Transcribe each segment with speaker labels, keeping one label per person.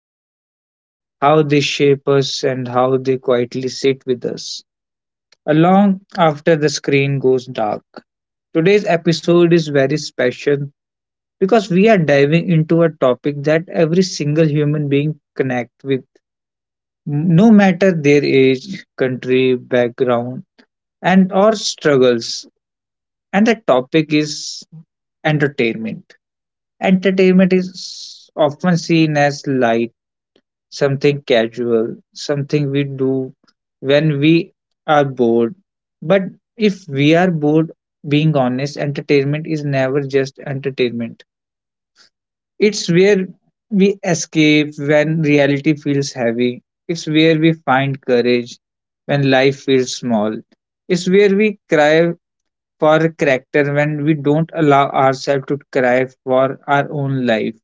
Speaker 1: matter, how they shape us, and how they quietly sit with us along after the screen goes dark. Today's episode is very special because we are diving into a topic that every single human being connects with no matter their age, country, background, and or struggles. And the topic is entertainment. Entertainment is often seen as light, something casual, something we do when we are bored. But if we are bored, being honest, entertainment is never just entertainment. It's where we escape when reality feels heavy. It's where we find courage when life feels small. It's where we cry for character when we don't allow ourselves to cry for our own life.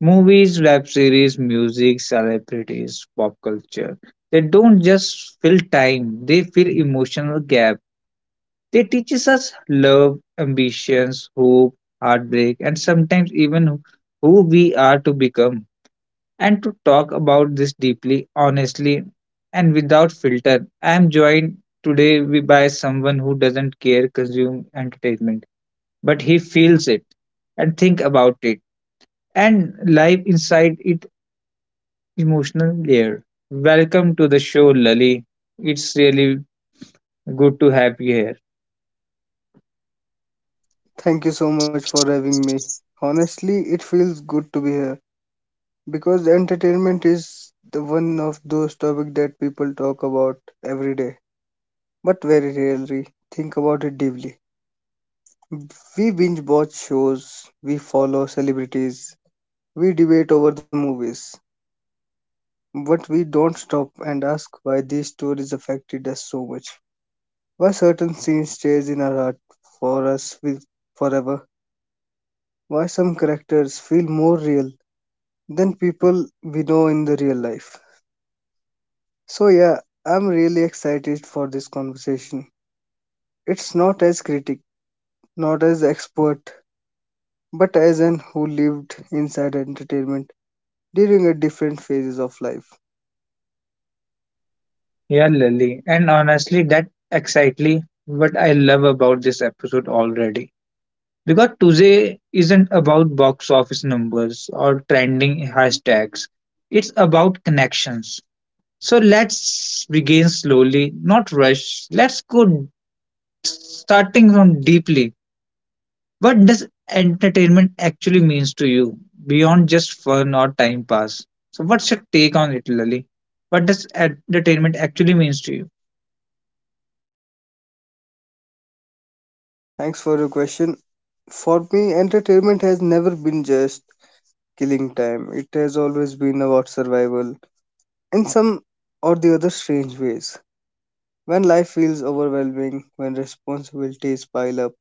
Speaker 1: Movies, web series, music, celebrities, pop culture. They don't just fill time, they fill emotional gap. They teaches us love, ambitions, hope, heartbreak, and sometimes even who we are to become. And to talk about this deeply, honestly, and without filter, I am joined today by someone who doesn't care consume entertainment, but he feels it and think about it and live inside it emotional layer. Welcome to the show, Lali. It's really good to have you here.
Speaker 2: Thank you so much for having me. Honestly, it feels good to be here because entertainment is the one of those topics that people talk about every day, but very rarely think about it deeply. We binge watch shows, we follow celebrities, we debate over the movies, but we don't stop and ask why these stories affected us so much. Why certain scenes stays in our heart for us with forever. Why some characters feel more real than people we know in the real life. So, yeah, I'm really excited for this conversation. It's not as critic, not as expert, but as an who lived inside entertainment during a different phases of life.
Speaker 1: Yeah, Lali. And honestly, that exactly what I love about this episode already. Because today isn't about box office numbers or trending hashtags, it's about connections. So let's begin slowly, not rush. Let's go starting from deeply. What does entertainment actually means to you beyond just fun or time pass? So what's your take on it, Lali? What does entertainment actually means to you?
Speaker 2: Thanks for your question. For me, entertainment has never been just killing time. It has always been about survival in some or the other strange ways. When life feels overwhelming, when responsibilities pile up,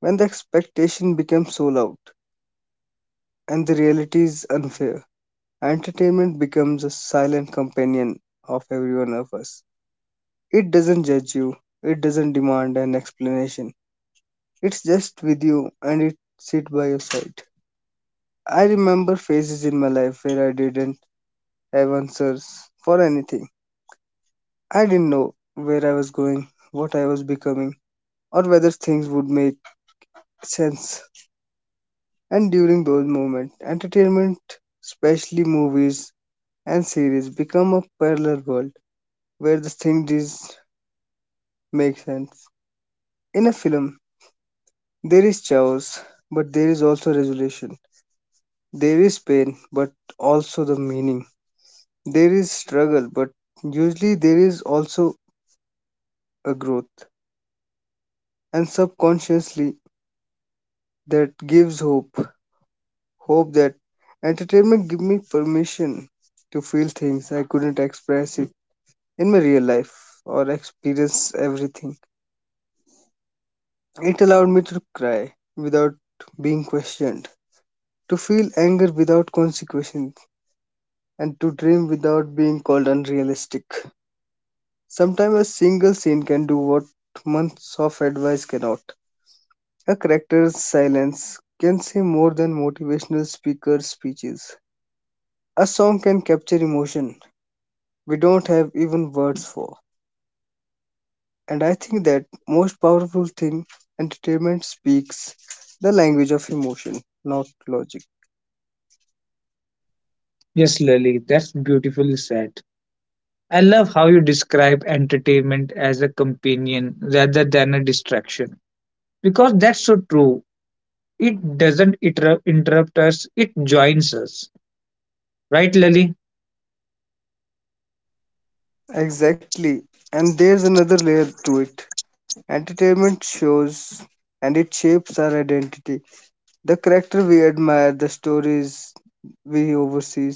Speaker 2: when the expectation becomes so loud, and the reality is unfair. Entertainment becomes a silent companion of every one of us. It doesn't judge you, it doesn't demand an explanation. It's just with you and it sit by your side. I remember phases in my life where I didn't have answers for anything. I didn't know where I was going, what I was becoming, or whether things would make sense. And during those moments, entertainment, especially movies and series, become a parallel world where the thing does make sense. In a film, there is chaos, but there is also resolution. There is pain, but also the meaning. There is struggle, but usually there is also a growth. And subconsciously, that gives hope. Hope that entertainment give me permission to feel things I couldn't express it in my real life or experience everything. It allowed me to cry without being questioned to feel anger without consequences, and to dream without being called unrealistic. Sometimes a single scene can do what months of advice cannot. A character's silence can say more than motivational speaker speeches. A song can capture emotion we don't have even words for. And I think that most powerful thing entertainment speaks the language of emotion, not logic.
Speaker 1: Yes, Lali? That's beautifully said. I love how you describe entertainment as a companion rather than a distraction because that's so true. It doesn't interrupt us, it joins us. Right, Lily?
Speaker 2: Exactly. And there's another layer to it. Entertainment shows and it shapes our identity. The character we admire, the stories we oversee,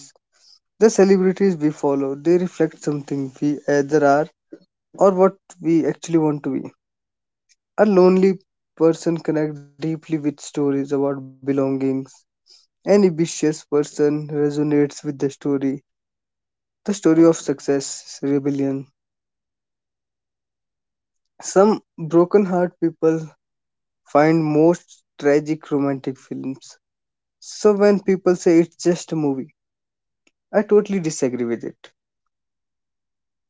Speaker 2: the celebrities we follow, they reflect something we either are or what we actually want to be. A lonely person connects deeply with stories about belongings. An ambitious person resonates with the story of success, rebellion. Some broken heart people find most tragic romantic films. So when people say it's just a movie, I totally disagree with it.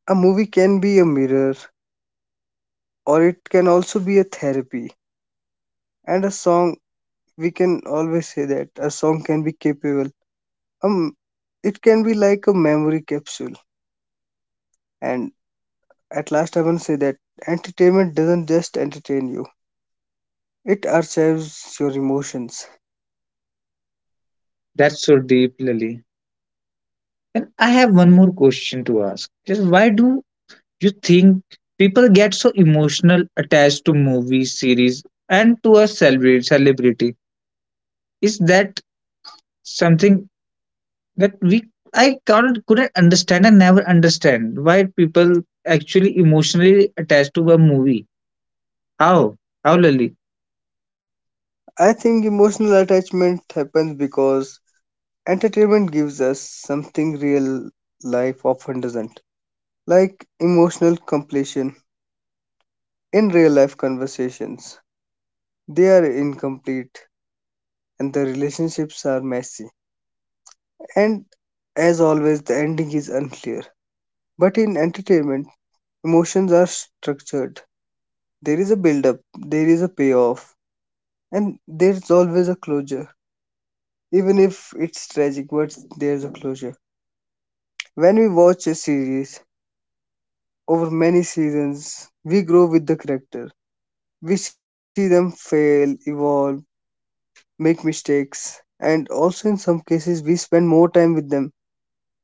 Speaker 2: A movie can be a mirror, or it can also be a therapy. And a song, we can always say that a song can be capable. Um, it can be like a memory capsule. And at last, I want to say that entertainment doesn't just entertain you; it archives your emotions.
Speaker 1: That's so deep, Lily. And I have one more question to ask. Just why do you think people get so emotional attached to movies, series, and to a celebrity? Is that something that we I can't couldn't understand and never understand why people actually emotionally attached to a movie. How? How, Lily?
Speaker 2: I think emotional attachment happens because entertainment gives us something real life often doesn't, like emotional completion in real life conversations. They are incomplete and the relationships are messy. And as always, the ending is unclear. But in entertainment, emotions are structured. There is a build up, there is a payoff, and there is always a closure. Even if it's tragic, but there's a closure. When we watch a series, over many seasons, we grow with the character. We see them fail, evolve, make mistakes, and also in some cases, we spend more time with them,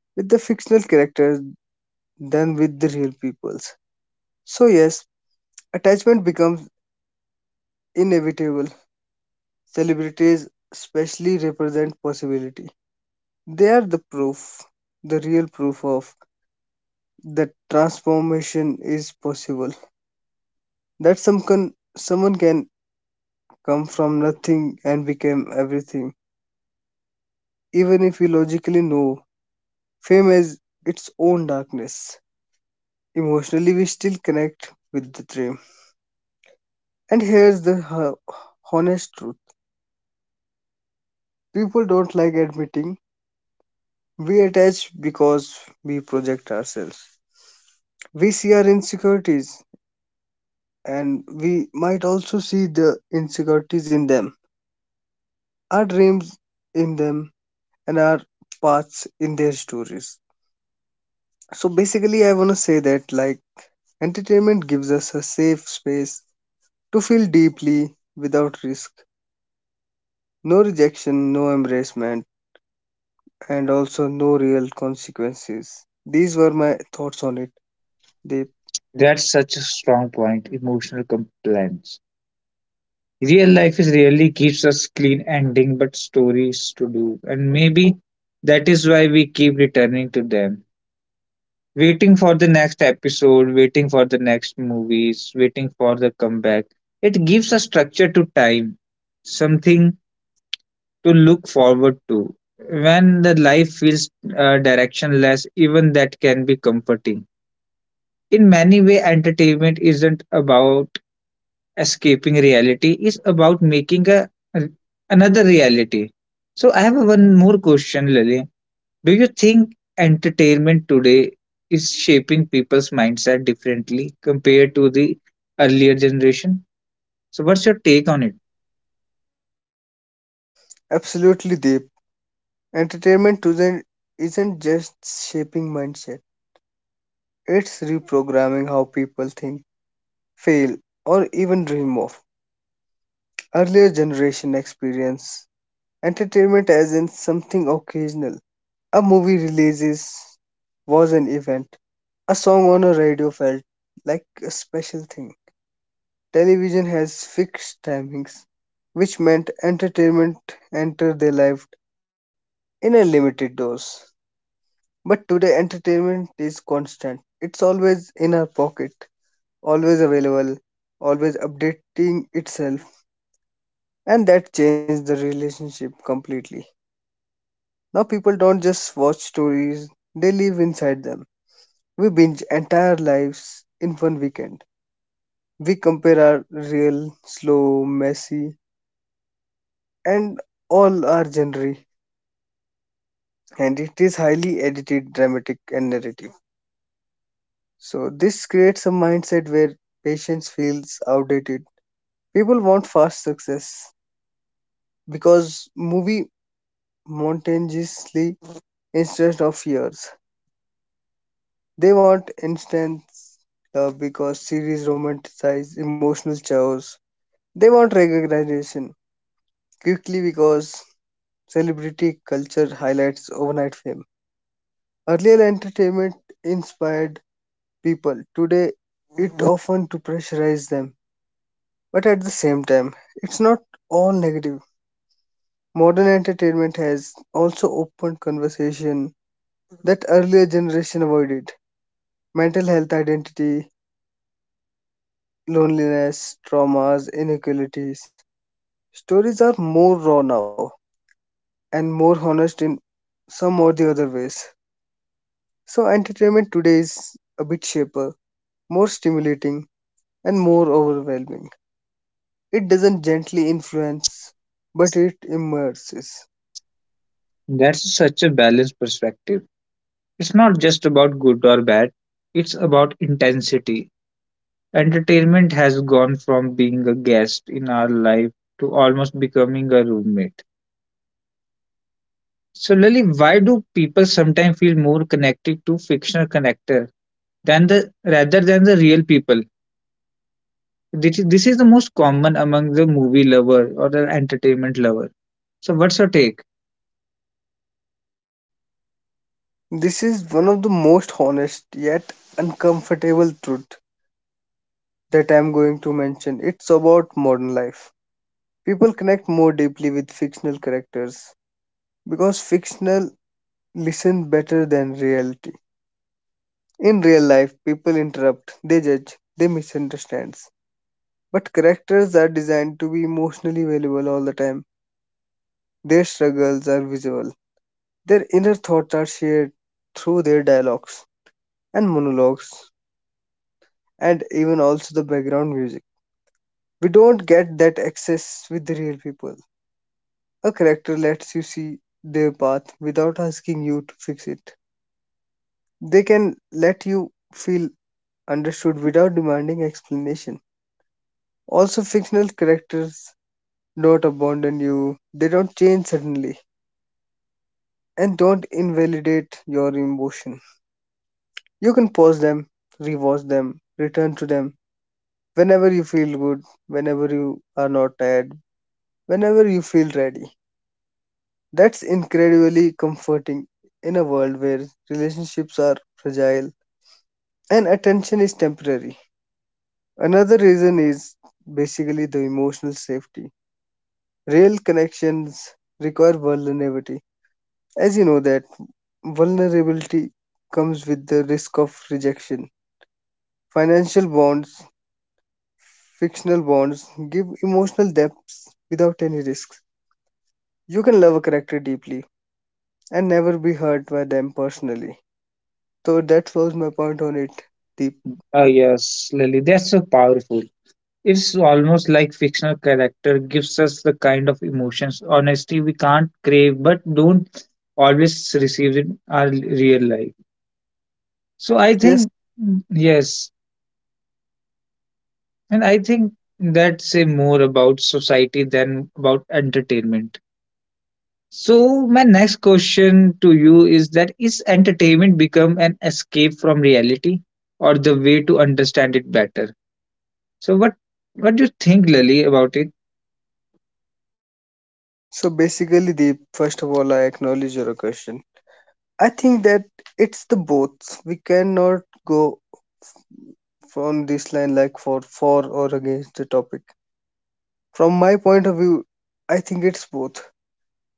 Speaker 2: with the fictional characters, than with the real peoples. So, yes, attachment becomes inevitable. Celebrities, especially, represent possibility. They are the proof, the real proof of that transformation is possible. That some can, someone can come from nothing and become everything. Even if we logically know fame has its own darkness, emotionally we still connect with the dream. And here's the honest truth people don't like admitting we attach because we project ourselves. We see our insecurities and we might also see the insecurities in them, our dreams in them, and our paths in their stories. So basically, I want to say that like entertainment gives us a safe space to feel deeply without risk, no rejection, no embracement, and also no real consequences. These were my thoughts on it. Deep,
Speaker 1: That's such a strong point. Emotional compliance. Real life is really keeps us clean ending but stories to do. And maybe that is why we keep returning to them. Waiting for the next episode, waiting for the next movies, waiting for the comeback. It gives a structure to time something to look forward to. When the life feels directionless, even that can be comforting. In many ways, entertainment isn't about escaping reality; it's about making a another reality. So I have one more question, Lily. Do you think entertainment today is shaping people's mindset differently compared to the earlier generation? So what's your take on it?
Speaker 2: absolutely deep. Entertainment doesn't isn't just shaping mindset; it's reprogramming how people think, feel, or even dream of. Earlier generation experience entertainment as in something occasional. A movie releases was an event. A song on a radio felt like a special thing. Television has fixed timings, which meant entertainment entered their life in a limited dose. But today, entertainment is constant. It's always in our pocket, always available, always updating itself. And that changed the relationship completely. Now, people don't just watch stories, they live inside them. We binge entire lives in one weekend. We compare our real, slow, messy, and all our genre, and it is highly edited, dramatic, and narrative. So, this creates a mindset where patience feels outdated. People want fast success because movie monotonously instead of years. They want instant love because series romanticize emotional chaos. They want recognition quickly because celebrity culture highlights overnight fame. Earlier entertainment inspired people. Today it often to pressurize them. But at the same time, it's not all negative. Modern entertainment has also opened conversation that earlier generation avoided. Mental health identity, loneliness, traumas, inequalities. Stories are more raw now and more honest in some or the other ways. So entertainment today is a bit shaper, more stimulating, and more overwhelming. It doesn't gently influence, but it immerses.
Speaker 1: That's such a balanced perspective. It's not just about good or bad, it's about intensity. Entertainment has gone from being a guest in our life to almost becoming a roommate. So, Lily, why do people sometimes feel more connected to fictional connector than the rather than the real people? This is the most common among the movie lover or the entertainment lover. So, what's your take?
Speaker 2: This is one of the most honest yet uncomfortable truth that I'm going to mention. It's about modern life. People connect more deeply with fictional characters because fictional listen better than reality. In real life, people interrupt, they judge, they misunderstand. But characters are designed to be emotionally available all the time. Their struggles are visible, their inner thoughts are shared through their dialogues and monologues and even also the background music. We don't get that access with the real people. A character lets you see their path without asking you to fix it. They can let you feel understood without demanding explanation. Also, fictional characters don't abandon you, they don't change suddenly, and don't invalidate your emotion. You can pause them, rewatch them, return to them, whenever you feel good, whenever you are not tired, whenever you feel ready. That's incredibly comforting in a world where relationships are fragile and attention is temporary. Another reason is basically the emotional safety. Real connections require vulnerability. As you know that vulnerability comes with the risk of rejection. Financial bonds, fictional bonds give emotional depths without any risks. You can love a character deeply and never be hurt by them personally. So that was my point on it, Deep.
Speaker 1: Ah yes, Lily, that's so powerful. It's almost like fictional character gives us the kind of emotions, honesty we can't crave but don't always receive in our real life. So I
Speaker 2: Yes.
Speaker 1: think yes, and I think that say more about society than about entertainment. So my next question to you is that is entertainment become an escape from reality or the way to understand it better? So what do you think, Lily, about it?
Speaker 2: So basically, Deep, first of all, I acknowledge your question. I think that it's the both. We cannot go on this line like for or against the topic. From my point of view, I think it's both,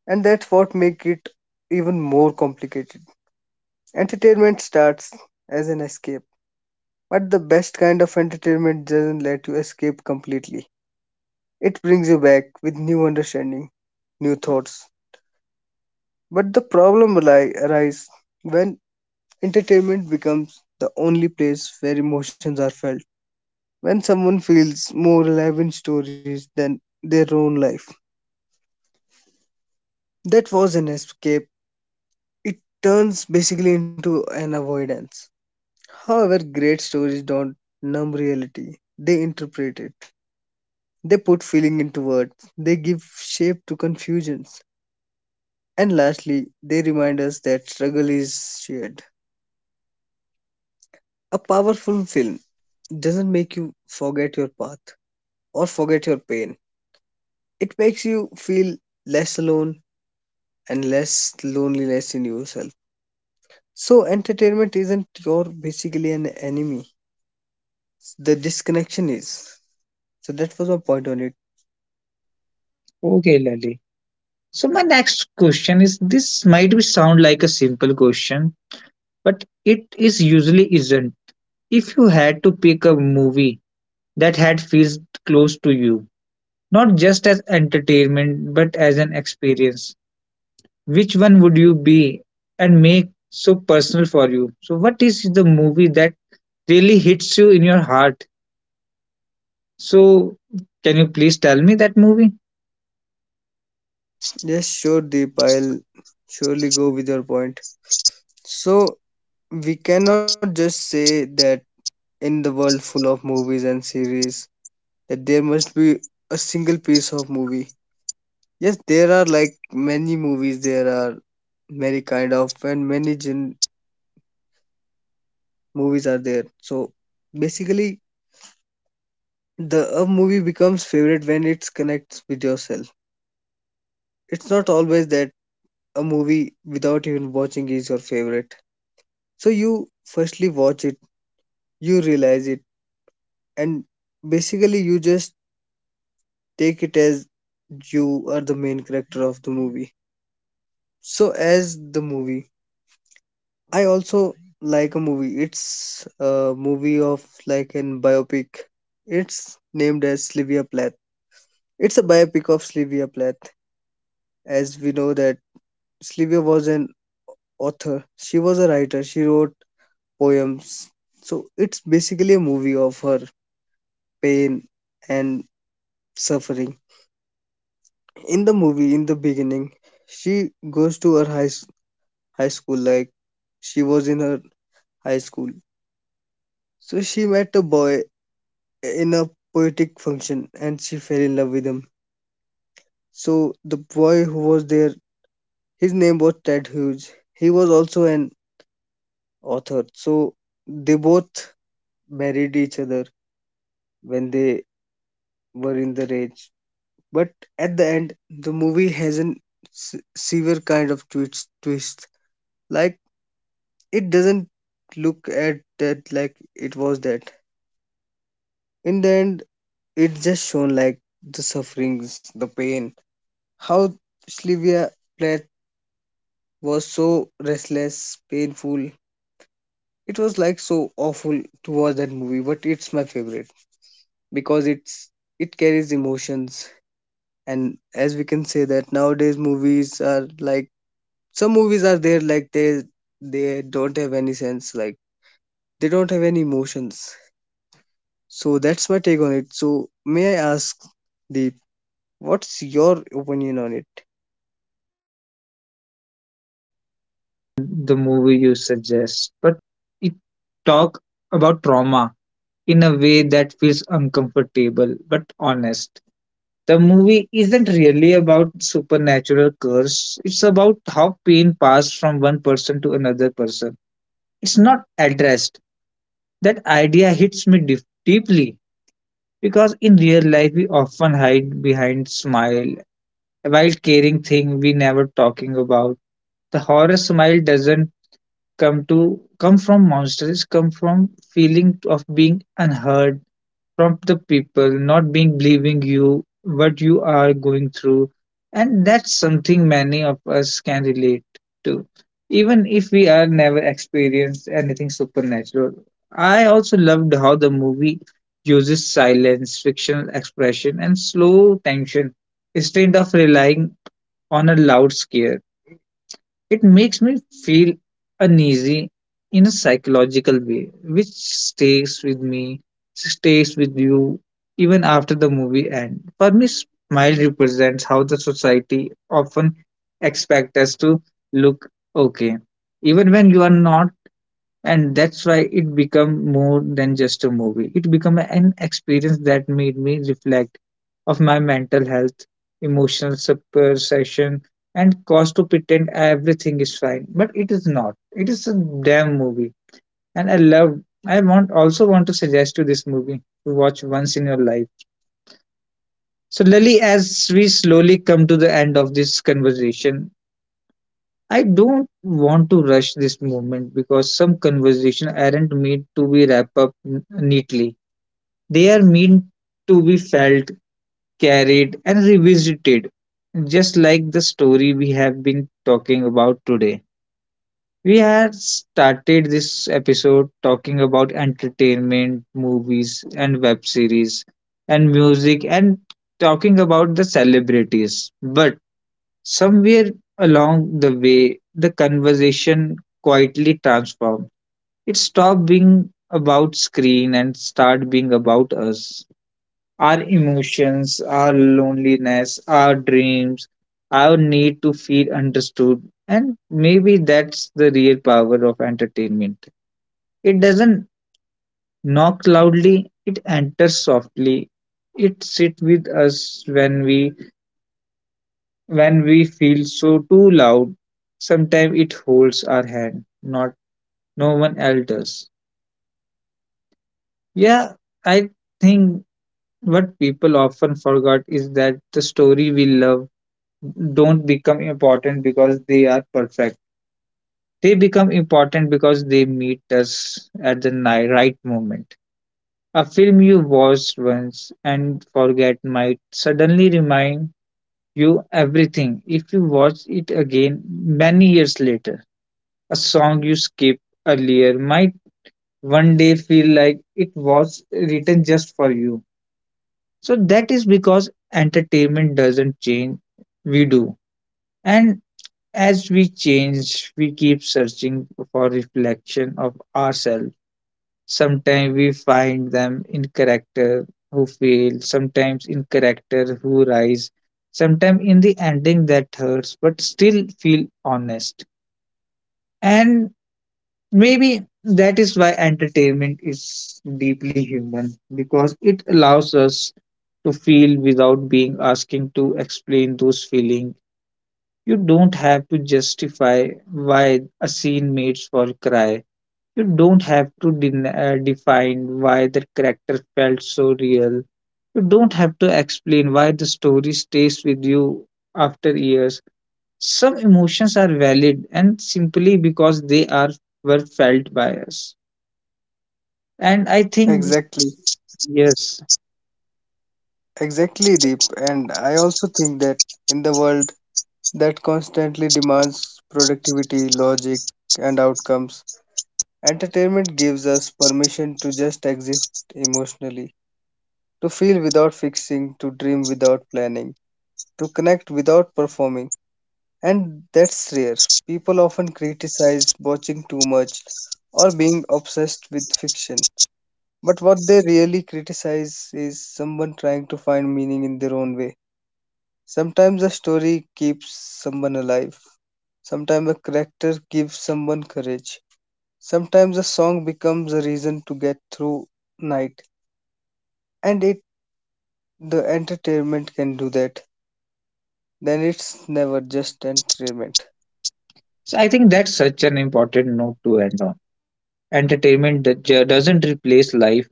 Speaker 2: and that's what make it even more complicated. Entertainment starts as an escape, but the best kind of entertainment doesn't let you escape completely. It brings you back with new understanding, new thoughts. But the problem arise when entertainment becomes the only place where emotions are felt. When someone feels more alive in stories than their own life. That was an escape. It turns basically into an avoidance. However, great stories don't numb reality, they interpret it. They put feeling into words. They give shape to confusions. And lastly, they remind us that struggle is shared. A powerful film doesn't make you forget your path or forget your pain. It makes you feel less alone and less loneliness in yourself. So, entertainment isn't your basically an enemy, the disconnection is. So, that was my point on it.
Speaker 1: Okay, Lily. So my next question is this might be sound like a simple question, but it is usually isn't. If you had to pick a movie that had feels close to you, not just as entertainment but as an experience, which one would you be and make so personal for you? So what is the movie that really hits you in your heart? So can you please tell me that movie?
Speaker 2: Yes, sure, Deep, I'll surely go with your point. So, we cannot just say that in the world full of movies and series, that there must be a single piece of movie. Yes, there are like many movies. There are many kind of and many gen movies are there. So basically, the a movie becomes favorite when it connects with yourself. It's not always that a movie without even watching is your favorite. So you firstly watch it, you realize it, and basically you just take it as you are the main character of the movie. So as the movie I also like a movie. It's a movie of like an biopic. It's named as Sylvia Plath. It's a biopic of Sylvia Plath. As we know that Sylvia was an author. She was a writer. She wrote poems. So it's basically a movie of her pain and suffering. In the movie, in the beginning, she goes to her high school. Like she was in her high school. So she met a boy in a poetic function and she fell in love with him. So the boy who was there, his name was Ted Hughes. He was also an author. So they both married each other when they were in the rage. But at the end, the movie has an severe kind of twist. Twist like it doesn't look at that like it was that. In the end, it just shown like the sufferings, the pain, how Sylvia was so restless, painful. It was like so awful to watch that movie, but it's my favorite because it carries emotions and as we can say that nowadays movies are like
Speaker 1: Well, I haven't
Speaker 2: some movies are
Speaker 1: seen
Speaker 2: there
Speaker 1: the
Speaker 2: like
Speaker 1: movie you suggest,
Speaker 2: they
Speaker 1: but my
Speaker 2: don't have
Speaker 1: favorite
Speaker 2: any
Speaker 1: movie
Speaker 2: sense
Speaker 1: is
Speaker 2: like
Speaker 1: Smile.
Speaker 2: they don't have any
Speaker 1: I know that
Speaker 2: emotions.
Speaker 1: might surprise some people
Speaker 2: So that's
Speaker 1: because
Speaker 2: my
Speaker 1: it
Speaker 2: take on it.
Speaker 1: is
Speaker 2: So
Speaker 1: labeled as
Speaker 2: may
Speaker 1: a
Speaker 2: I ask
Speaker 1: psychological horror
Speaker 2: Deep,
Speaker 1: movie, but
Speaker 2: what's
Speaker 1: for me,
Speaker 2: your
Speaker 1: Smile
Speaker 2: opinion on
Speaker 1: goes
Speaker 2: it?
Speaker 1: far beyond just a fear of jump scares. What really stays with me about Smile is how it talk about trauma in a way that feels uncomfortable but honest. The movie isn't really about supernatural curse. It's about how pain passed from one person to another person. It's not addressed. That idea hits me deeply because in real life we often hide behind smile while caring thing we never talking about. The horror smile doesn't come from monsters. It come from feeling of being unheard from the people not being believing you what you are going through, and that's something many of us can relate to, even if we are never experienced anything supernatural. I also loved how the movie uses silence fictional expression and slow tension instead of relying on a loud scare. It makes me feel uneasy in a psychological way, which stays with me, stays with you even after the movie ends. For me, smile represents how the society often expects us to look okay, even when you are not, and that's why it become more than just a movie. It become an experience that made me reflect of my mental health, emotional suppression, and cause to pretend everything is fine but it is not. It is a damn movie, and I want to suggest you this movie to watch once in your life. So Lily, as we slowly come to the end of this conversation, I don't want to rush this moment because some conversations aren't meant to be wrapped up neatly. They are meant to be felt, carried, and revisited, just like the story we have been talking about today. We had started this episode talking about entertainment, movies, and web series, and music, and talking about the celebrities. But somewhere along the way, the conversation quietly transformed. It stopped being about screen and started being about us. Our emotions, our loneliness, our dreams, our need to feel understood. And maybe that's the real power of entertainment. It doesn't knock loudly, it enters softly. It sits with us when we When we feel so too loud, sometimes it holds our hand, not no one else does. Yeah, I think what people often forgot is that the story we love don't become important because they are perfect. They become important because they meet us at the right moment. A film you watched once and forget might suddenly remind you everything if you watch it again many years later. A song you skipped earlier might one day feel like it was written just for you. So that is because entertainment doesn't change, we do. And as we change, we keep searching for reflection of ourselves. Sometimes we find them in character who fail, sometimes in character who rise, sometimes in the ending that hurts but still feel honest. And maybe that is why entertainment is deeply human because it allows us to feel without being asking to explain those feelings. You don't have to justify why a scene made for cry. You don't have to define why the character felt so real. You don't have to explain why the story stays with you after years. Some emotions are valid and simply because they are were felt by us. And I think,
Speaker 2: Exactly.
Speaker 1: yes,
Speaker 2: Exactly, Deep. And I also think that in the world that constantly demands productivity, logic, and outcomes. Entertainment gives us permission to just exist emotionally, to feel without fixing, to dream without planning, to connect without performing. And that's rare. People often criticize watching too much or being obsessed with fiction. But what they really criticize is someone trying to find meaning in their own way. Sometimes a story keeps someone alive. Sometimes a character gives someone courage. Sometimes a song becomes a reason to get through night. And it the entertainment can do that. Then it's never just entertainment.
Speaker 1: so I think that's such an important note to end on. Entertainment that doesn't replace life,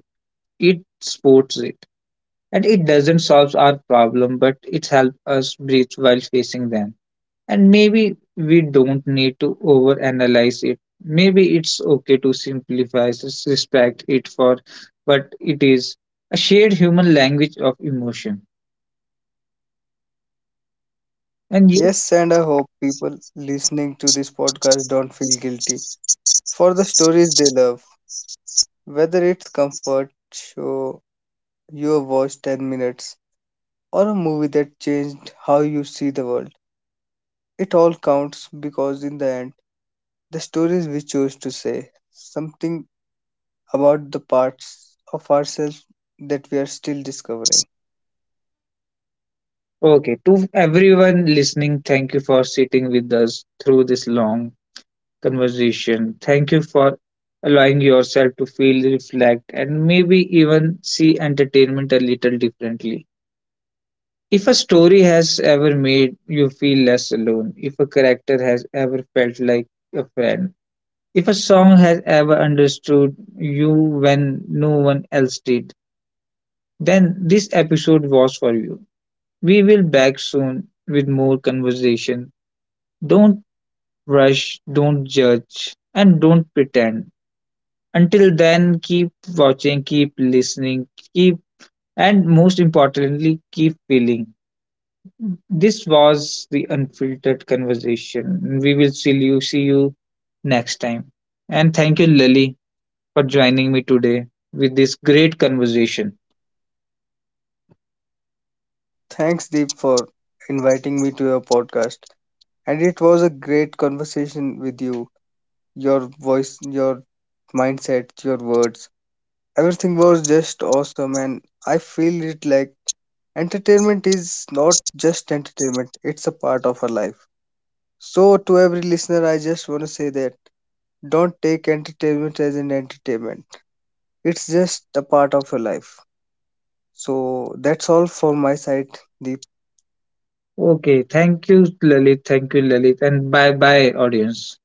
Speaker 1: it supports it. And it doesn't solve our problem, but it helps us breathe while facing them. And maybe we don't need to overanalyze it. Maybe it's okay to simplify, respect it for what it is, a shared human language of emotion. And yes,
Speaker 2: Yes, and I hope people listening to this podcast don't feel guilty for the stories they love. Whether it's comfort show you have watched 10 minutes or a movie that changed how you see the world. It all counts because in the end, the stories we choose to say something about the parts of ourselves that we are still discovering.
Speaker 1: okay, to everyone listening, thank you for sitting with us through this long conversation. Thank you for allowing yourself to feel, reflect, and maybe even see entertainment a little differently. If a story has ever made you feel less alone, if a character has ever felt like a friend, if a song has ever understood you when no one else did, then this episode was for you. We will back soon with more conversation. Don't rush, don't judge, and don't pretend. Until then, keep watching, keep listening, keep, and most importantly, keep feeling. This was the unfiltered conversation. We will see you next time. And thank you, Lily, for joining me today with this great conversation.
Speaker 2: Thanks, Deep, for inviting me to your podcast. And it was a great conversation with you. Your voice, your mindset, your words. Everything was just awesome, and I feel it like entertainment is not just entertainment, it's a part of our life. So, to every listener, I just want to say that don't take entertainment as an entertainment. It's just a part of your life. So that's all for my side, Deep.
Speaker 1: Okay, thank you, Lalit. Thank you, Lalit. And bye bye, audience.